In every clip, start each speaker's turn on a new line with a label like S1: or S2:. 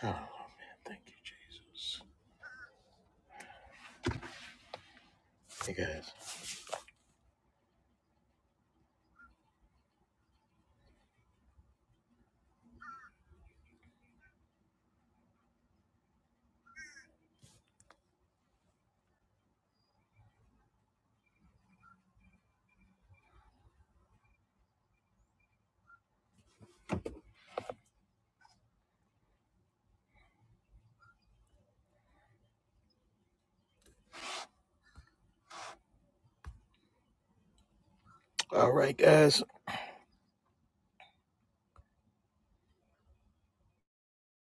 S1: Oh man, thank you, Jesus. Hey guys. All right, guys.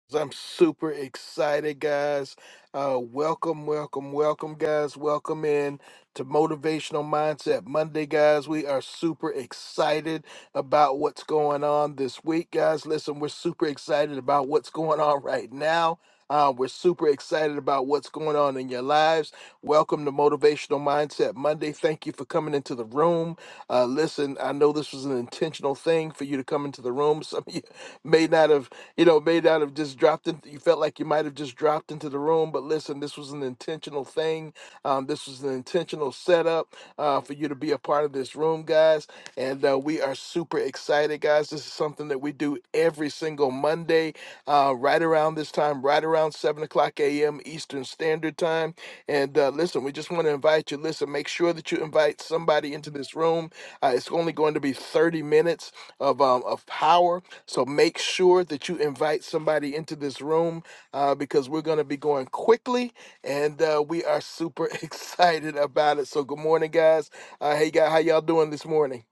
S1: So I'm super excited, guys. Uh, welcome, welcome, welcome, guys. Welcome in to Motivational Mindset Monday, guys. We are super excited about what's going on this week, guys. Listen, we're super excited about what's going on right now. Uh, we're super excited about what's going on in your lives. Welcome to Motivational Mindset Monday. Thank you for coming into the room. Uh, listen, I know this was an intentional thing for you to come into the room. Some of you may not have, you know, may not have just dropped in. You felt like you might have just dropped into the room, but listen, this was an intentional thing. Um, this was an intentional setup uh, for you to be a part of this room, guys. And uh, we are super excited, guys. This is something that we do every single Monday, uh, right around this time, right around 7 o'clock a.m. Eastern Standard Time. And uh, listen, we just want to invite you. Listen, make sure that you invite somebody into this room. Uh, it's only going to be 30 minutes of, um, of power so make sure that you invite somebody into this room uh, because we're going to be going quickly and uh, we are super excited about it. So good morning, guys. Uh, hey, guy, how y'all doing this morning?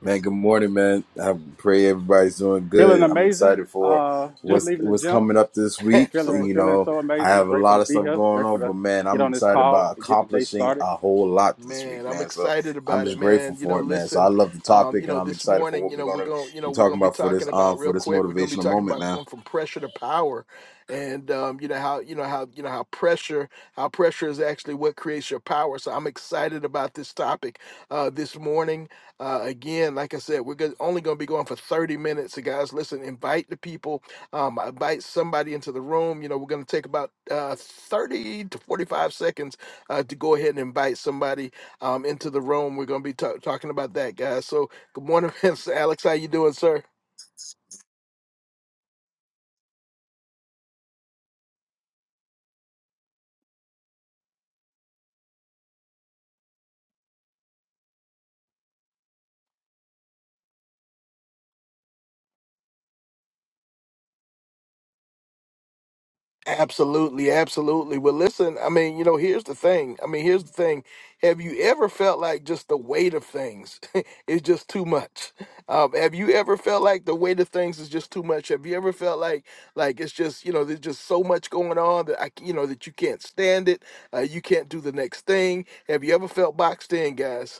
S2: Man, good morning, man. I pray everybody's doing
S3: Feeling
S2: good. I'm
S3: amazing.
S2: excited for
S3: Uh, just
S2: what's
S3: leaving the
S2: what's
S3: gym.
S2: coming up this week.
S3: Feeling
S1: Absolutely.
S2: You
S3: feeling
S2: know,
S3: so
S2: I
S3: amazing.
S2: have a
S3: Grateful
S2: lot
S3: to
S2: of
S3: be
S2: stuff
S3: here.
S2: going
S3: Grateful
S2: on,
S3: to
S2: but man,
S3: get
S2: I'm
S3: on this
S2: excited
S3: call
S2: about
S3: to get the day
S2: accomplishing
S3: started.
S2: a whole lot this week,
S1: Man, I'm
S2: man. So
S1: excited
S2: I'm
S1: about it,
S2: just grateful
S1: man. You know,
S2: for it, man. So I
S1: listen,
S2: love the
S1: um, you
S2: topic, and
S1: know,
S2: I'm
S1: this
S2: excited for
S1: morning,
S2: what
S1: you
S2: we're
S1: know, we're
S2: gonna
S1: going, to you
S2: be
S1: know, we're going
S2: talking
S1: to be
S2: about for
S1: talking
S2: this um
S1: about
S2: for
S1: real
S2: this
S1: quick. We're going to be
S2: motivational
S1: talking
S2: moment,
S1: about
S2: man.
S1: going from pressure to power and um, you know how, you know how, you know how pressure, how pressure is actually what creates your power. So I'm excited about this topic uh this morning. Uh again, like I said, we're go- only going to be going for 30 minutes. So guys, listen, invite the people, um invite somebody into the room. You know, we're going to take about uh 30 to 45 seconds uh, to go ahead and invite somebody um, into the room. We're going to be ta- talking about that, guys. So, good morning, Mr. Alex. How you doing, sir? Absolutely, absolutely. Well, listen, I mean, you know, here's the thing. I mean, here's the thing. Have you ever felt like just the weight of things is just too much? Um, have you ever felt like the weight of things is just too much? Have you ever felt like like it's just you know there's just so much going on that I c- you know that you can't stand it, uh, you can't do the next thing? Have you ever felt boxed in, guys?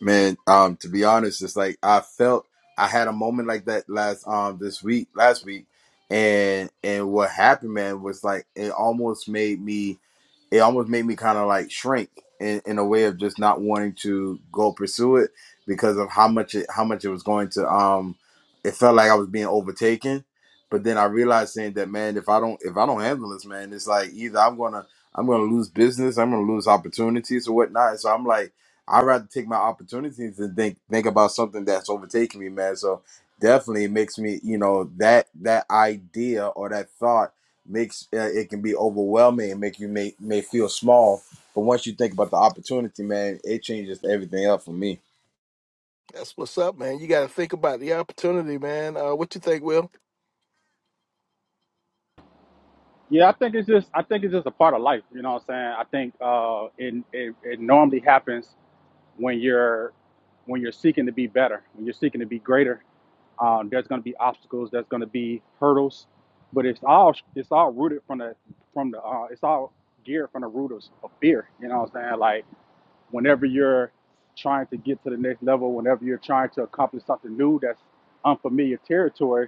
S2: Man, um, to be honest, it's like I felt I had a moment like that last um this week last week, and and what happened, man, was like it almost made me it almost made me kind of like shrink in, in a way of just not wanting to go pursue it because of how much it how much it was going to um it felt like I was being overtaken. But then I realized saying that man, if I don't if I don't handle this, man, it's like either I'm gonna I'm gonna lose business, I'm gonna lose opportunities or whatnot. So I'm like, I'd rather take my opportunities and think think about something that's overtaking me, man. So definitely it makes me, you know, that that idea or that thought makes uh, it can be overwhelming and make you may may feel small. But once you think about the opportunity, man, it changes everything up for me.
S1: That's what's up, man. You got to think about the opportunity, man. Uh, what you think, Will?
S3: Yeah, I think it's just I think it's just a part of life. You know what I'm saying? I think uh, it, it it normally happens when you're when you're seeking to be better, when you're seeking to be greater. Um, there's going to be obstacles. There's going to be hurdles, but it's all it's all rooted from the from the uh, it's all geared from the root of, of fear. You know what I'm saying? Like whenever you're trying to get to the next level, whenever you're trying to accomplish something new that's unfamiliar territory,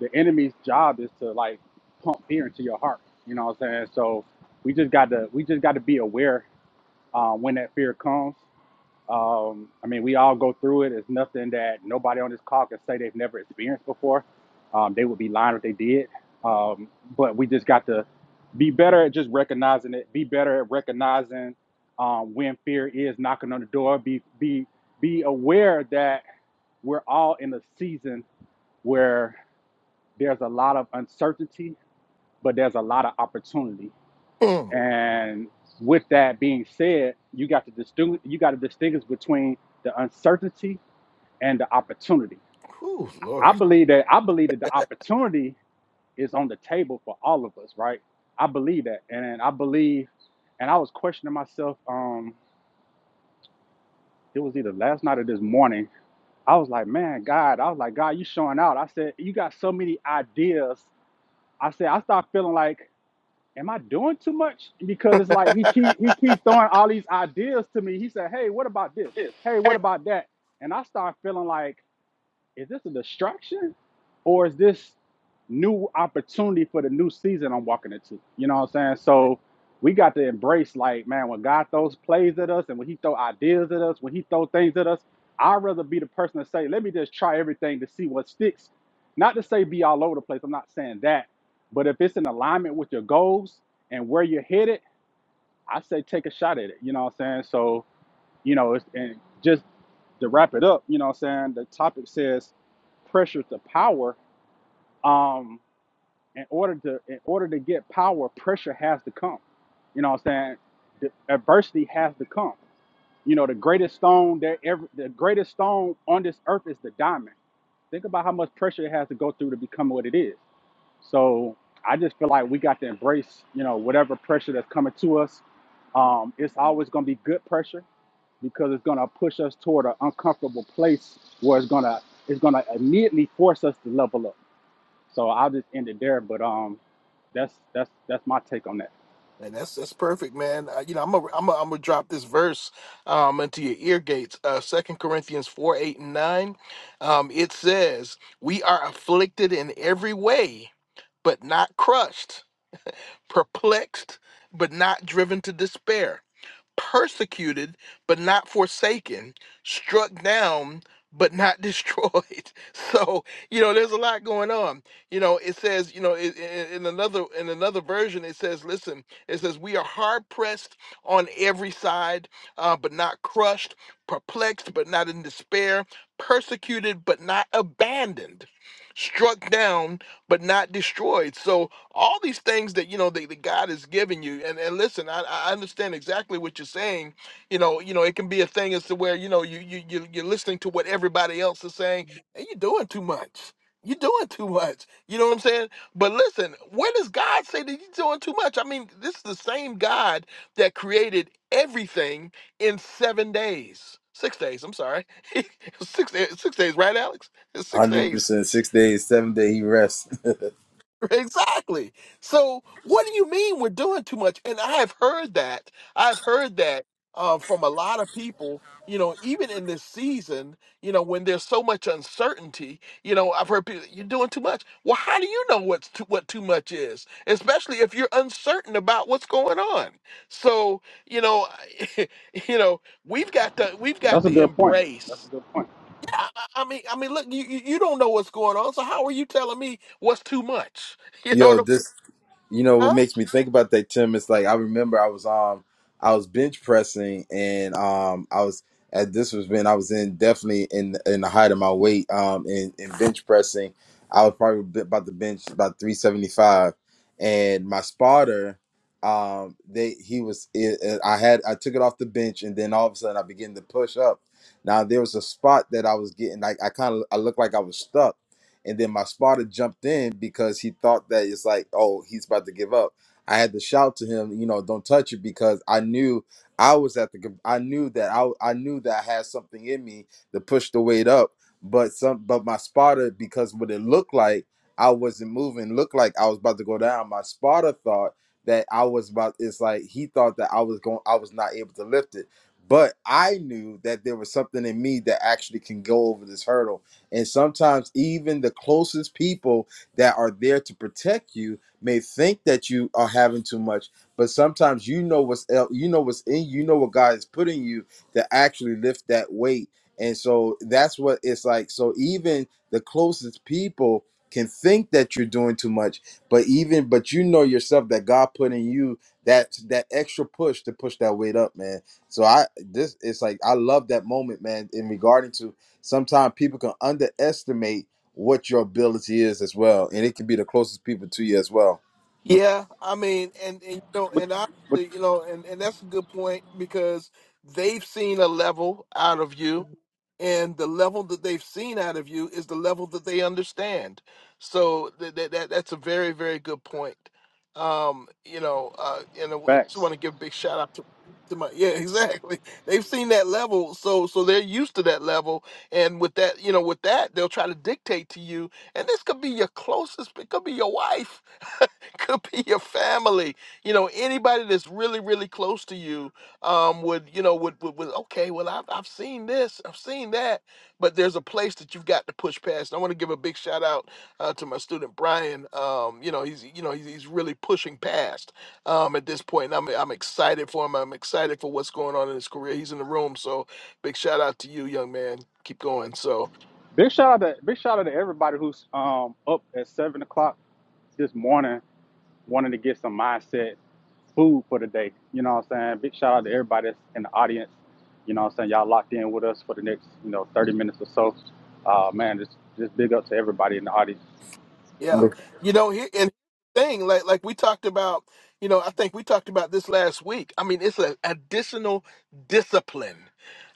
S3: the enemy's job is to like pump fear into your heart. You know what I'm saying? So we just got to we just got to be aware uh, when that fear comes. Um, I mean, we all go through it. It's nothing that nobody on this call can say they've never experienced before. Um, they would be lying if they did. Um, but we just got to be better at just recognizing it. Be better at recognizing um, when fear is knocking on the door. Be be be aware that we're all in a season where there's a lot of uncertainty, but there's a lot of opportunity.
S1: Mm.
S3: And with that being said, you got to distinguish. You got to distinguish between the uncertainty and the opportunity.
S1: Whew,
S3: I
S1: Lord,
S3: believe that I believe that the opportunity is on the table for all of us, right? I believe that. And I believe and I was questioning myself, um, it was either last night or this morning. I was like, man, God, I was like, God, you showing out. I said, you got so many ideas. I said, I start feeling like, am I doing too much? Because it's like he keep he keeps throwing all these ideas to me. He said, Hey, what about this? Hey, what about that? And I start feeling like Is this a distraction or is this new opportunity for the new season I'm walking into? You know what I'm saying? So we got to embrace like, man, when God throws plays at us and when he throw ideas at us, when he throw things at us, I'd rather be the person to say, let me just try everything to see what sticks. Not to say be all over the place. I'm not saying that. But if it's in alignment with your goals and where you're headed, I say take a shot at it. You know what I'm saying? So. You know, it's, and just to wrap it up, you know what I'm saying? The topic says pressure to power. Um, in order to in order to get power, pressure has to come. You know what I'm saying? The adversity has to come. You know, the greatest stone that ever the greatest stone on this earth is the diamond. Think about how much pressure it has to go through to become what it is. So I just feel like we got to embrace, you know, whatever pressure that's coming to us. Um, it's always gonna be good pressure because it's going to push us toward an uncomfortable place where it's going to it's going to immediately force us to level up. So I'll just end it there. But um, that's that's that's my take on that.
S1: man, that's that's perfect, man. Uh, you know, I'm gonna I'm gonna I'm gonna drop this verse um into your ear gates. Uh, Second Corinthians four eight and nine. Um, it says, "We are afflicted in every way, but not crushed; perplexed, but not driven to despair." persecuted but not forsaken, struck down but not destroyed. So, you know, there's a lot going on. You know, it says, you know, in, in in another in another version it says, listen, it says we are hard pressed on every side, uh, but not crushed, perplexed but not in despair, persecuted but not abandoned, struck down but not destroyed. So, all these things that you know that, that God has given you. And and listen, I, I understand exactly what you're saying. You know, you know, it can be a thing as to where you know you you you you're listening to what everybody else is saying, and you're doing too much. You're doing too much. You know what I'm saying? But listen, where does God say that you're doing too much? I mean, this is the same God that created everything in seven days. Six days, I'm sorry. six, eh, six days, right, Alex? It's six
S2: one Hundred
S1: days
S2: percent, six days, seven day he rests.
S1: Exactly. So, what do you mean we're doing too much? And I have heard that. I've heard that uh, from a lot of people. You know, even in this season, you know, when there's so much uncertainty, you know, I've heard people, you're doing too much. Well, how do you know what's too, what too much is, especially if you're uncertain about what's going on? So, you know, you know, we've got to we've
S3: That's
S1: got
S3: a
S1: to
S3: good point. That's
S1: embrace.
S3: a good point.
S1: Yeah, I, I I mean, I mean, look, you you you don't know what's going on, so how are you telling me what's too much? You know what
S2: Yo,
S1: I'm
S2: this you know
S1: saying?
S2: what makes me think about that tim It's like i remember i was um i was bench pressing and um i was at this was when i was in definitely in in the height of my weight um in, in bench pressing i was probably b- about to bench about 375 and my spotter um they he was it, it- i had i took it off the bench and then all of a sudden i began to push up now there was a spot that i was getting like i kind of i looked like i was stuck and then my spotter jumped in because he thought that it's like, oh, he's about to give up. I had to shout to him, you know, don't touch it because I knew I was at the, com- I knew that I, I knew that I had something in me to push the weight up. But some, but my spotter, because what it looked like, I wasn't moving, looked like I was about to go down. My spotter thought that I was about, it's like he thought that I was going, I was not able to lift it. But I knew that there was something in me that actually can go over this hurdle and sometimes even the closest people that are there to protect you may think that you are having too much, but sometimes you know what's el- you know what's in you you know what God is putting you to actually lift that weight. And so that's what it's like. So even the closest people can think that you're doing too much, but even but you know yourself that God put in you that that extra push to push that weight up, man. So I this it's like I love that moment, man, in regarding to sometimes people can underestimate what your ability is as well and it can be the closest people to you as well
S1: Yeah, I mean, and, and you know,
S3: But
S1: and
S3: but
S1: honestly, you know, and, and that's a good point because they've seen a level out of you, and the level that they've seen out of you is the level that they understand. So that that, that that's a very very good point. Um, you know, uh, and I w- just
S3: facts.
S1: want to give a big shout out to to my yeah, exactly. They've seen that level, so so they're used to that level, and with that, you know, with that, they'll try to dictate to you, and this could be your closest, it could be your wife could be your family you know anybody that's really really close to you um would you know would would, would okay well I've, I've seen this i've seen that but there's a place that you've got to push past and i want to give a big shout out uh, to my student brian um you know he's you know he's, he's really pushing past um at this point and I'm, I'm excited for him i'm excited for what's going on in his career he's in the room so big shout out to you young man keep going So.
S3: Big shout out to big shout out to everybody who's um up at seven o'clock this morning wanting to get some mindset. food for the day. You know what I'm saying? Big shout out to everybody that's in the audience. You know what I'm saying? Y'all locked in with us for the next, you know, 30 minutes or so. Uh, man, just, just big up to everybody in the audience.
S1: Yeah. You know, here and thing like like we talked about, you know, I think we talked about this last week. I mean, it's an additional discipline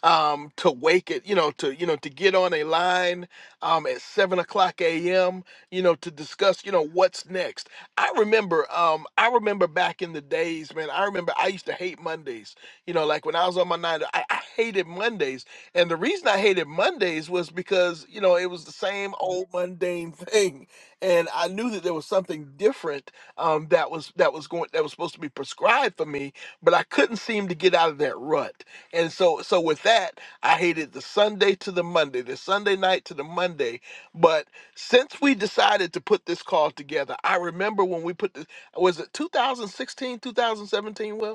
S1: um to wake it, you know, to you know, to get on a line um at seven o'clock AM, you know, to discuss, you know, what's next. I remember um I remember back in the days, man, I remember I used to hate Mondays. You know, like when I was on my nine, I, I hated Mondays. And the reason I hated Mondays was because, you know, it was the same old mundane thing and I knew that there was something different um, that was that was going that was supposed to be prescribed for me, but I couldn't seem to get out of that rut. And so so with that, I hated the Sunday to the Monday, the Sunday night to the Monday. But since we decided to put this call together, I remember when we put this was it 2016, 2017, Will?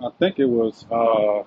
S3: I think it was, uh,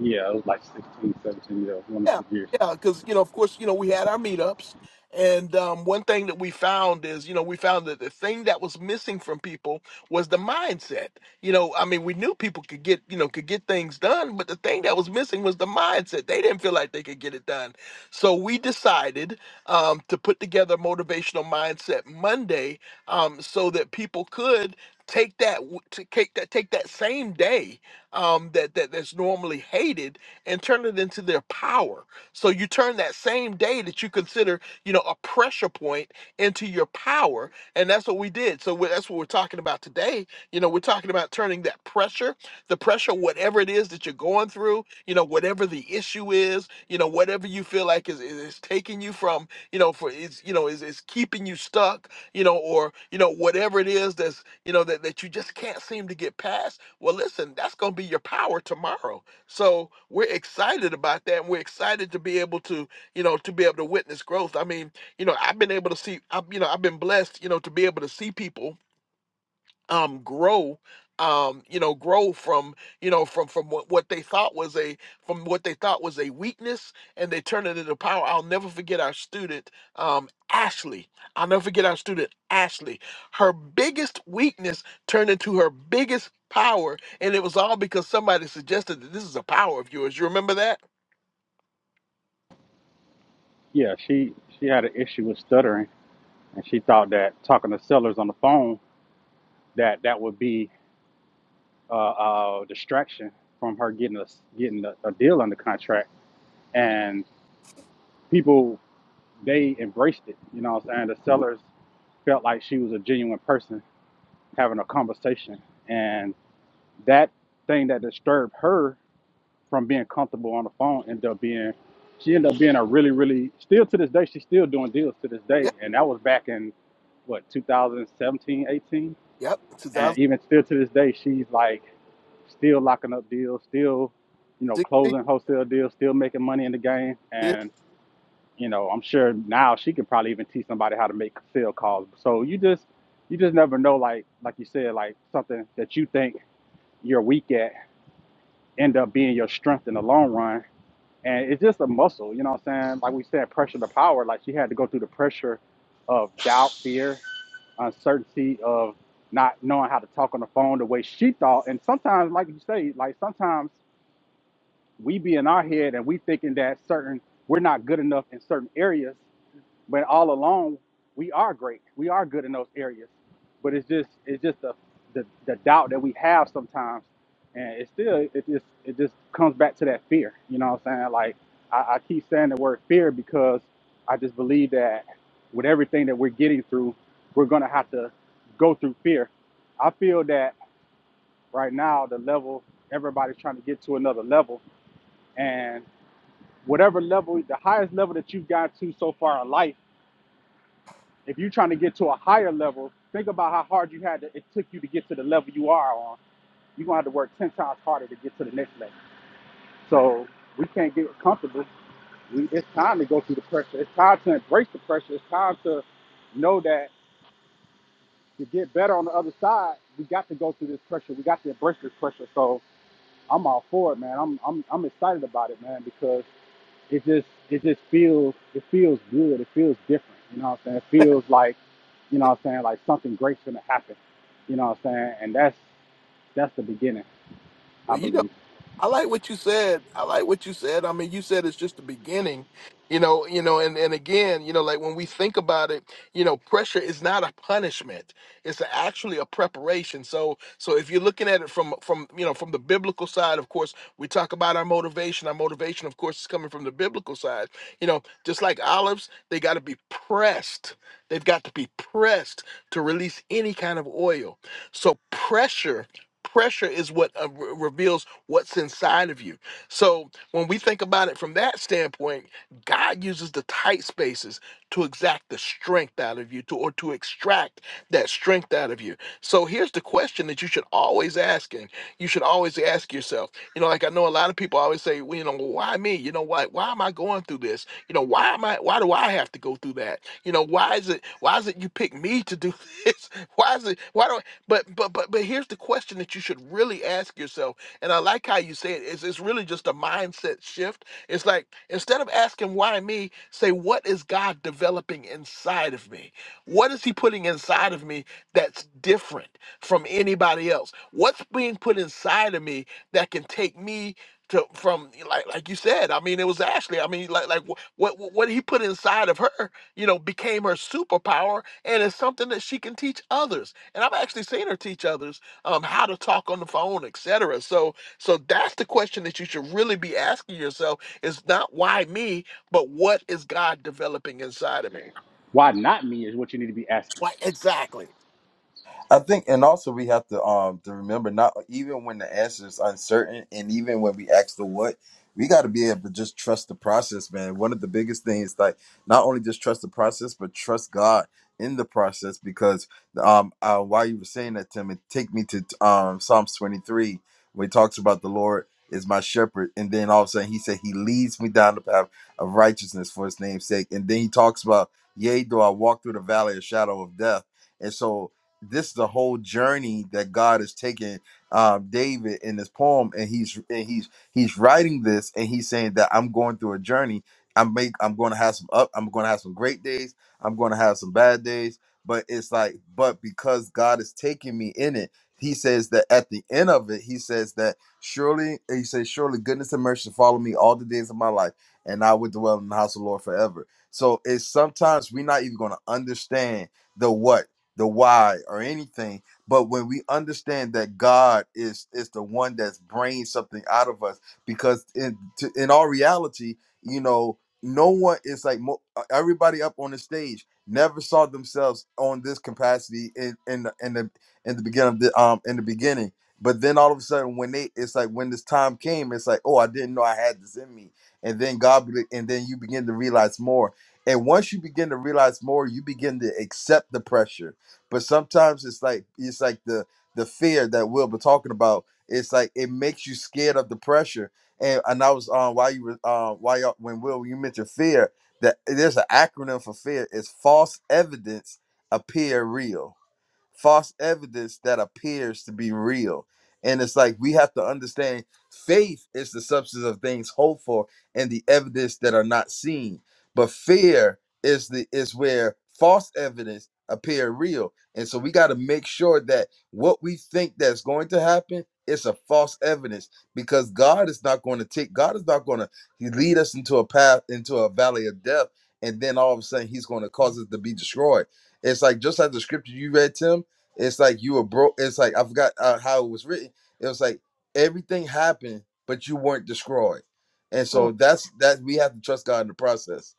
S3: yeah, it was like 16, 17 years, one of
S1: Yeah,
S3: the years.
S1: yeah, because you know, of course, you know, we had our meetups, and um, one thing that we found is, you know, we found that the thing that was missing from people was the mindset. You know, I mean, we knew people could get, you know, could get things done, but the thing that was missing was the mindset. They didn't feel like they could get it done, so we decided um, to put together motivational mindset Monday, um, so that people could take that w- to take that take that same day um, that that that's normally hated and turn it into their power. So you turn that same day that you consider, you know, a pressure point into your power. And that's what we did. So we- that's what we're talking about today. You know, we're talking about turning that pressure, the pressure, whatever it is that you're going through, you know, whatever the issue is, you know, whatever you feel like is, is, is taking you from, you know, for is, you know, is, is keeping you stuck, you know, or, you know, whatever it is that's, you know, that, that you just can't seem to get past. Well, listen, that's going to be your power tomorrow so we're excited about that. And we're excited to be able to, you know, to be able to witness growth. I mean, you know, I've been able to see, I've, you know, I've been blessed, you know, to be able to see people um grow um you know grow from you know from from what, what they thought was a from what they thought was a weakness and they turned it into power i'll never forget our student um ashley i'll never forget our student ashley her biggest weakness turned into her biggest power and it was all because somebody suggested that this is a power of yours you remember that
S3: Yeah, she, she had an issue with stuttering and she thought that talking to sellers on the phone, that that would be a uh, a distraction from her getting a, getting a, a deal under contract. And people, they embraced it. You know what I'm saying? The sellers felt like she was a genuine person having a conversation. And that thing that disturbed her from being comfortable on the phone ended up being she ended up being a really, really still to this day, she's still doing deals to this day.
S1: Yep,
S3: And that was back in what, 2017, 18?
S1: yep.
S3: And even still to this day, she's like still locking up deals, still, you know,
S1: 2016.
S3: closing wholesale deals, still making money in the game. and you know, I'm sure now she could probably even teach somebody how to make sales calls. So you just you just never know like like you said, like something that you think you're weak at end up being your strength in the long run. And it's just a muscle, you know what I'm saying? Like we said, pressure to power, like she had to go through the pressure of doubt, fear, uncertainty of not knowing how to talk on the phone the way she thought. And sometimes, like you say, like sometimes we be in our head and we thinking that certain we're not good enough in certain areas but all along, we are great. We are good in those areas. But it's just it's just the the, the doubt that we have sometimes, and it's still it just it just comes back to that fear. You know what I'm saying? Like I, I keep saying the word fear because I just believe that with everything that we're getting through, we're gonna have to go through fear. I feel that right now the level everybody's trying to get to another level, and whatever level, the highest level that you've got to so far in life If you're trying to get to a higher level, think about how hard you had to, it took you to get to the level you are on. You're gonna have to work ten times harder to get to the next level. So we can't get comfortable. We, it's time to go through the pressure. It's time to embrace the pressure. It's time to know that to get better on the other side, we got to go through this pressure. We got to embrace this pressure. So I'm all for it, man. I'm I'm I'm excited about it, man, because It just it just feels it feels good. It feels different. You know what I'm saying? It feels like you know what I'm saying like something great's gonna happen. You know what I'm saying? And that's that's the beginning, I
S1: Well, you know,
S3: believe.
S1: I like what you said. I like what you said. I mean, you said it's just the beginning, you know, you know, and, and again, you know, like when we think about it, you know, pressure is not a punishment. It's actually a preparation. So, so if you're looking at it from, from, you know, from the biblical side, of course, we talk about our motivation. Our motivation, of course, is coming from the biblical side, you know, just like olives, they got to be pressed They've got to be pressed to release any kind of oil. So pressure, pressure is what uh, re- reveals what's inside of you. So when we think about it from that standpoint, God uses the tight spaces to exact the strength out of you, to or to extract that strength out of you. So here's the question that you should always asking. You should always ask yourself. You know, like I know a lot of people always say, well, you know, why me? You know, why why am I going through this? You know, why am I why do I have to go through that? You know, why is it why is it you pick me to do this? Why is it why do I but but but but here's the question that you should really ask yourself. And I like how you say it. It's it's really just a mindset shift. It's like instead of asking why me, say what is God developing inside of me? What is he putting inside of me that's different from anybody else? What's being put inside of me that can take me to from like like you said i mean it was ashley i mean like like wh- what what what he put inside of her you know became her superpower and it's something that she can teach others and i've actually seen her teach others um how to talk on the phone etc so so that's the question that you should really be asking yourself is not why me but what is god developing inside of me
S3: Why not me is what you need to be asking.
S1: why exactly
S2: I think, and also we have to um to remember not even when the answer is uncertain, and even when we ask the what, we got to be able to just trust the process, man. One of the biggest things, like not only just trust the process, but trust God in the process, because um uh, while you were saying that, Tim, it take me to um Psalms twenty three, where it talks about the Lord is my shepherd, and then all of a sudden he said he leads me down the path of righteousness for his name's sake, and then he talks about, yea, though I walk through the valley of shadow of death. And so this is the whole journey that God is taking um, David in this poem, and he's and he's he's writing this, and he's saying that I'm going through a journey. I'm make I'm going to have some up. I'm going to have some great days. I'm going to have some bad days. But it's like, but because God is taking me in it, He says that at the end of it, He says that surely He says surely goodness and mercy follow me all the days of my life, and I will dwell in the house of the Lord forever. So it's sometimes we're not even going to understand the what the why or anything but when we understand that god is is the one that's bringing something out of us because in to, in our reality you know no one is like mo- e, everybody up on the stage never saw themselves on this capacity in in the, in the in the beginning of the um in the beginning but then all of a sudden when they it's like when this time came it's like oh i didn't know i had this in me and then god be- and then you begin to realize more and once you begin to realize more you begin to accept the pressure but sometimes it's like it's like the the fear that we'll be talking about. It's like it makes you scared of the pressure. And and I was um while you were uh while y'all, when Will you mentioned fear that there's an acronym for fear. It's false evidence appear real false evidence that appears to be real. And it's like we have to understand faith is the substance of things hoped for and the evidence that are not seen. But fear is the is where false evidence appear real. And so we got to make sure that what we think that's going to happen is a false evidence because God is not going to take God is not going to lead us into a path into a valley of death and then all of a sudden he's going to cause us to be destroyed it's like just like the scripture you read, Tim. It's like you were broke. It's like I forgot uh, how it was written. It was like everything happened, but you weren't destroyed. And so that's that we have to trust God in the process.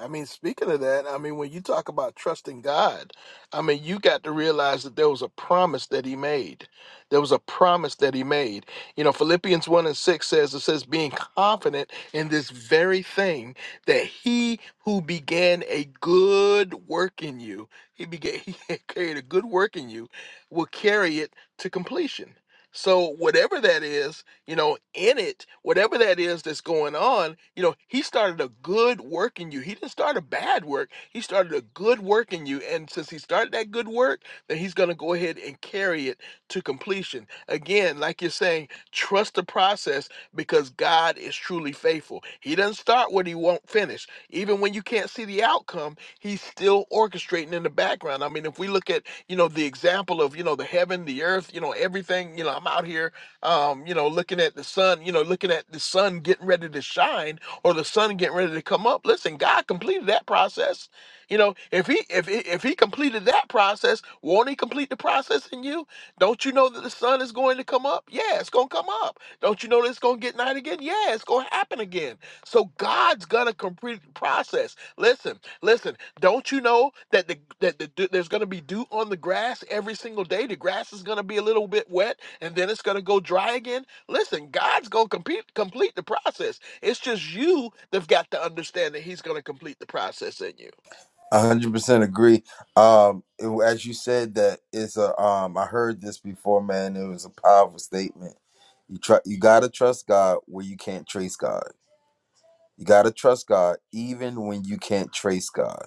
S1: I mean, speaking of that, I mean, when you talk about trusting God, I mean, you got to realize that there was a promise that He made. There was a promise that He made. You know, Philippians 1 and 6 says, it says, being confident in this very thing, that He who began a good work in you, He began, He carried a good work in you, will carry it to completion. So, whatever that is, you know, in it, whatever that is that's going on, you know, he started a good work in you. He didn't start a bad work. He started a good work in you. And since he started that good work, then he's going to go ahead and carry it to completion. Again, like you're saying, trust the process because God is truly faithful. He doesn't start what he won't finish. Even when you can't see the outcome, he's still orchestrating in the background. I mean, if we look at, you know, the example of, you know, the heaven, the earth, you know, everything, you know, I'm out here um, you know, looking at the sun, you know, looking at the sun getting ready to shine or the sun getting ready to come up. Listen, God completed that process. You know, if he if he, if he completed that process, won't he complete the process in you? Don't you know that the sun is going to come up? Yeah, it's gonna come up. Don't you know that it's gonna get night again? Yeah, it's gonna happen again. So God's gonna complete the process. Listen, listen. Don't you know that the that the, there's going to be dew on the grass every single day? The grass is going to be a little bit wet, and then it's going to go dry again. Listen, God's going to complete complete the process. It's just you that've got to understand that He's going to complete the process in you.
S2: A hundred percent agree. Um, it- as you said that it's a um, I heard this before, man. It was a powerful statement. You try, you gotta trust God where you can't trace God. You gotta trust God even when you can't trace God.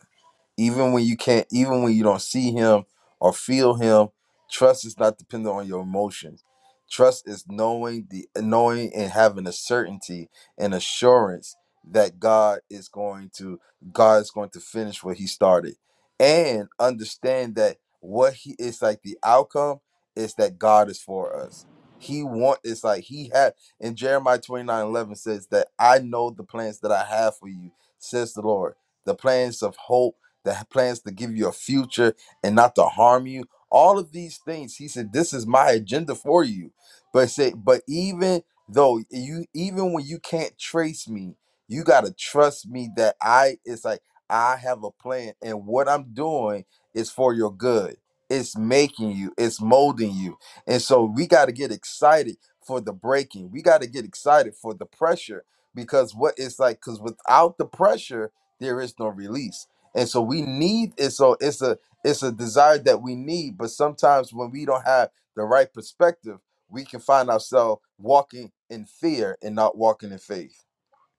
S2: even when you can't even when you don't see him or feel him trust is not dependent on your emotions trust is knowing the knowing and having a certainty and assurance that god is going to god is going to finish what he started and understand that what he is like the outcome is that god is for us he want it's like he had in jeremiah 29 11 says that i know the plans that i have for you says the lord the plans of hope that plans to give you a future and not to harm you. All of these things. He said, This is my agenda for you. But say, but even though you even when you can't trace me, you gotta trust me that I it's like I have a plan and what I'm doing is for your good. It's making you, it's molding you. And so we gotta get excited for the breaking. We gotta get excited for the pressure because what it's like, because without the pressure, there is no release and so we need it so it's a it's a desire that we need but sometimes when we don't have the right perspective we can find ourselves walking in fear and not walking in faith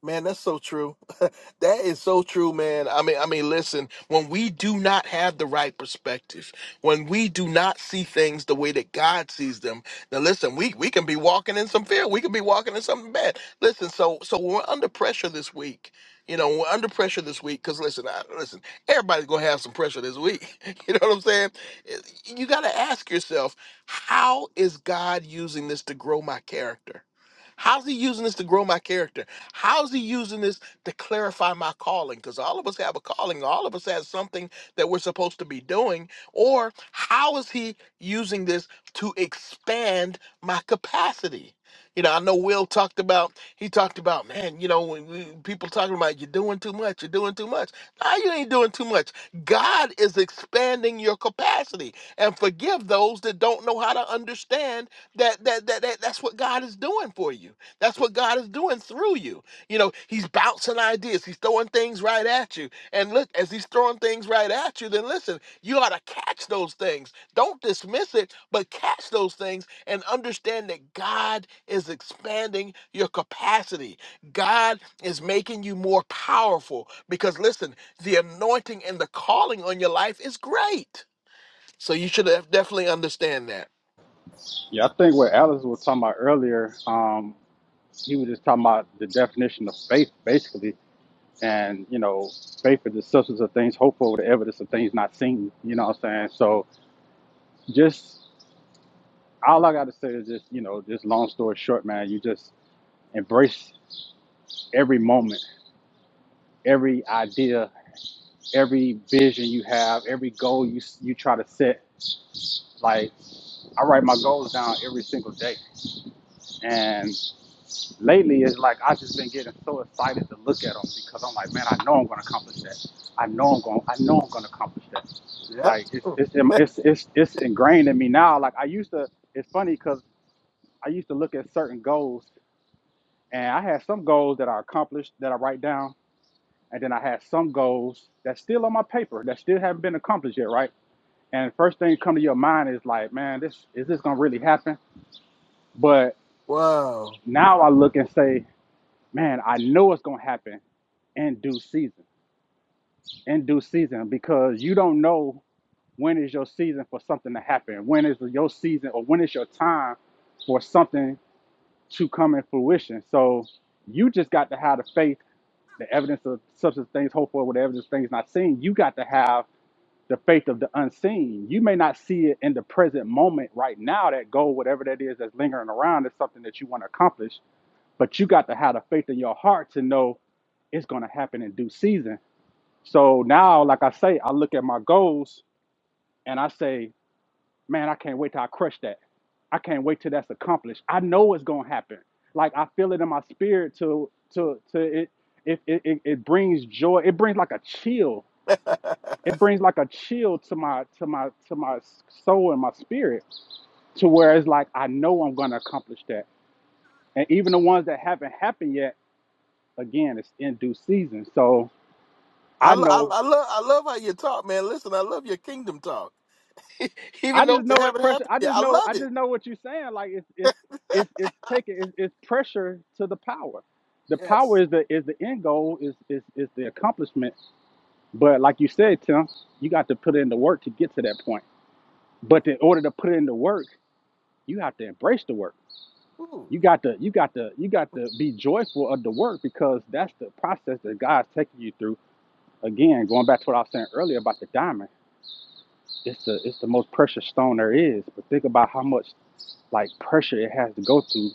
S1: Man, that's so true. that is so true, man. I mean, I mean, listen, when we do not have the right perspective, when we do not see things the way that God sees them, now listen, we we can be walking in some fear. We can be walking in something bad. Listen, so so we're under pressure this week. You know, we're under pressure this week because listen, I, listen, everybody's gonna have some pressure this week. you know what I'm saying? Eh, You got to ask yourself, how is God using this to grow my character? How's He using this to grow my character? How's he using this to clarify my calling? Because all of us have a calling, all of us have something that we're supposed to be doing. Or how is he using this to expand my capacity? You know, I know Will talked about, he talked about, man, you know, when we, people talking about you're doing too much, you're doing too much. No, you ain't doing too much. God is expanding your capacity. And forgive those that don't know how to understand that that, that, that that's what God is doing for you that's what God is doing through you. You know, He's bouncing ideas, He's throwing things right at you. And look, as He's throwing things right at you, then listen, you ought to catch those things. Don't dismiss it, but catch those things and understand that God is expanding your capacity. God is making you more powerful because listen, the anointing and the calling on your life is great. So you should def- definitely understand that.
S3: Yeah, I think what Alice was talking about earlier, um, he was just talking about the definition of faith, basically. And, you know, faith is the substance of things hoped for, the evidence of things not seen. You know what I'm saying? So just all I got to say is just, you know, just long story short, man, you just embrace every moment, every idea, every vision you have, every goal you you try to set. Like I write my goals down every single day, and lately it's like I've just been getting so excited to look at them because I'm like, man, I know I'm gonna accomplish that. I know I'm going. to I know I'm gonna accomplish that. Like it's
S1: Yep.
S3: it's it's it's, it's ingrained in me now. Like I used to. It's funny because I used to look at certain goals, and I had some goals that I accomplished that I write down and then I had some goals that's still on my paper that still haven't been accomplished yet, right? And first thing come to your mind is like, man, this is this gonna really happen? But
S1: Wow.
S3: now I look and say, man, I know it's gonna happen in due season, in due season, because you don't know when is your season for something to happen, when is your season or when is your time for something to come in fruition. So you just got to have the faith, the evidence of substance things hoped for, with the evidence of things not seen. You got to have the faith of the unseen. You may not see it in the present moment right now, that goal, whatever that is that's lingering around, is something that you want to accomplish, but you got to have the faith in your heart to know it's going to happen in due season. So now, like I say, I look at my goals and I say, man, I can't wait till I crush that. I can't wait till that's accomplished. I know it's going to happen. Like I feel it in my spirit to, to, to it, it, it, it it brings joy. It brings like a chill it brings like a chill to my to my to my soul and my spirit to where it's like I know I'm gonna accomplish that. And even the ones that haven't happened yet, again, it's in due season. So
S1: I,
S3: I
S1: lo- I,
S3: know
S1: I love I love how you talk, man. Listen, I love your kingdom talk.
S3: I
S1: Even though
S3: just know
S1: to have
S3: it
S1: it
S3: pressure.
S1: happen,
S3: I
S1: yeah,
S3: just
S1: I
S3: know I
S1: love it.
S3: just know what you're saying. Like it's it's it's it's taking it's, it's pressure to the power. The power
S1: Yes.
S3: is the is the end goal is is is the accomplishment. But like you said, Tim, you got to put in the work to get to that point. But in order to put in the work, you have to embrace the work
S1: Ooh,
S3: You got to you got to you got to be joyful of the work because that's the process that God's taking you through. Again, going back to what I was saying earlier about the diamond, it's the it's the most precious stone there is. But think about how much like pressure it has to go to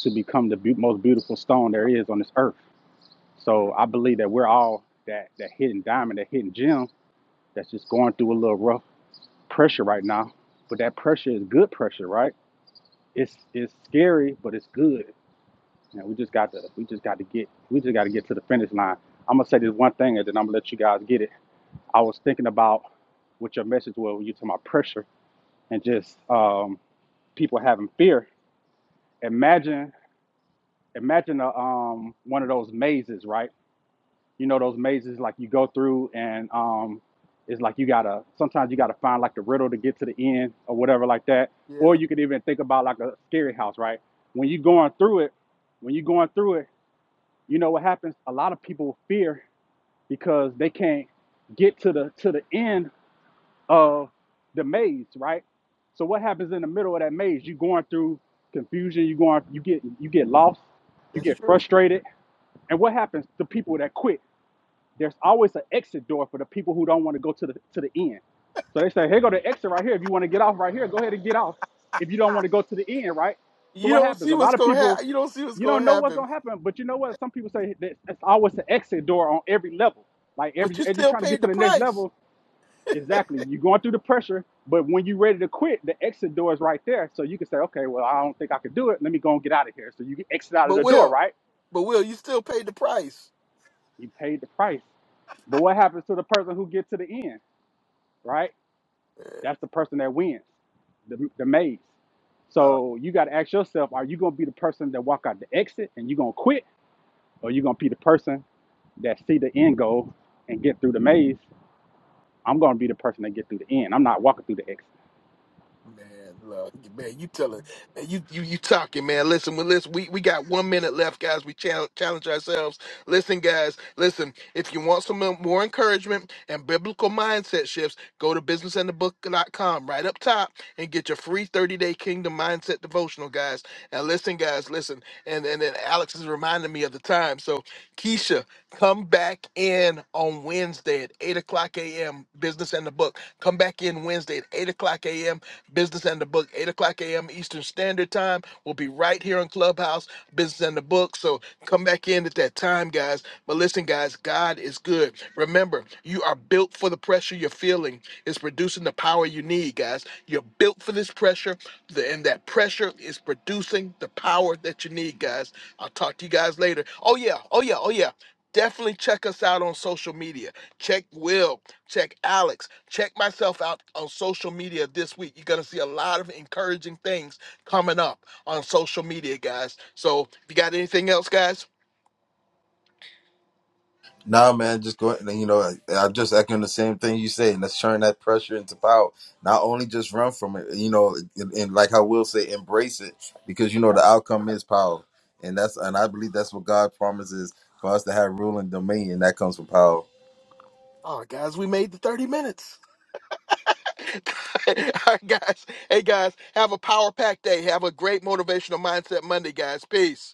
S3: to become the be- most beautiful stone there is on this earth.
S1: wow.
S3: So I believe that we're all that that hidden diamond, that hidden gem that's just going through a little rough pressure right now. But that pressure is good pressure, right? It's it's scary, but it's good Yeah, we just got to we just got to get we just got to get to the finish line. I'm gonna say this one thing, and then I'm gonna let you guys get it. I was thinking about what your message was when you talking about pressure and just um, people having fear. Imagine imagine a, um, one of those mazes, right? You know those mazes like you go through, and um, it's like you gotta sometimes you gotta find like the riddle to get to the end or whatever like that. Or
S1: Yeah,
S3: you could even think about like a scary house, right? When you going through it, when you going through it you know what happens a lot of people fear because they can't get to the to the end of the maze right so what happens in the middle of that maze you are going through confusion you going you get you get lost you
S1: that's
S3: get
S1: true.
S3: frustrated and what happens to people that quit there's always an exit door for the people who don't want to go to the to the end. So they say, here go the exit right here. If you want to get off right here, go ahead and get off. If you don't want to go to the end, right? So
S1: You
S3: what
S1: don't
S3: happens? A
S1: see what's
S3: lot of
S1: gonna
S3: people,
S1: happen. You don't see what's
S3: you don't
S1: gonna
S3: know what's
S1: happen,
S3: gonna happen, but you know what? Some people say that that's always an exit door on every level. Like
S1: but
S3: every
S1: you
S3: as you're
S1: still
S3: trying to get
S1: paid
S3: to
S1: the
S3: the next
S1: price.
S3: level, exactly. You're going through the pressure, but when you're ready to quit, the exit door is right there. So you can say, okay, well, I don't think I could do it. Let me go and get out of here. So you can exit out of
S1: But
S3: the door,
S1: will,
S3: right?
S1: but will, you still paid the price.
S3: You paid the price. But what happens to the person who gets to the end? right?
S1: Eh,
S3: That's the person that wins, the, the maze.
S1: uh,
S3: So you got to ask yourself, are you going to be the person that walk out the exit and you going to quit? Or you going to be the person that see the end goal and get through the maze? I'm going to be the person that get through the end. I'm not walking through the exit.
S1: Man, look, man, you telling, man, you you you talking, man. Listen, we listen. We we got one minute left, guys. We challenge challenge ourselves. Listen, guys, listen. If you want some uh, more encouragement and biblical mindset shifts, go to businessandthebook.com right up top and get your free thirty day Kingdom Mindset devotional, guys. And listen, guys, listen. And and then Alex is reminding me of the time. So Keisha, come back in on Wednesday at eight o'clock a.m. Business and the Book. Come back in Wednesday at eight o'clock a.m. Business and the Book, 8 o'clock a.m. Eastern Standard Time. We'll be right here on Clubhouse, Business and the Book. So come back in at that time, guys. But listen, guys, God is good. Remember, you are built for the pressure you're feeling. It's producing the power you need, guys. You're built for this pressure, the- and that pressure is producing the power that you need, guys. I'll talk to you guys later. Oh, yeah. Oh, yeah. Oh, yeah. Definitely check us out on social media. Check Will. Check Alex. Check myself out on social media this week. You're going to see a lot of encouraging things coming up on social media, guys. So, if you got anything else, guys?
S2: nah man just go you know I- i'm just echoing the same thing you say and let's turn that pressure into power not only just run from it you know and, and like i will say embrace it because you know the outcome is power and that's and i believe that's what god promises for us to have rule and dominion that comes from power
S1: Oh, guys, we made the 30 minutes. All right, guys. Hey, guys, have a power pack day. Have a great motivational mindset Monday, guys. Peace.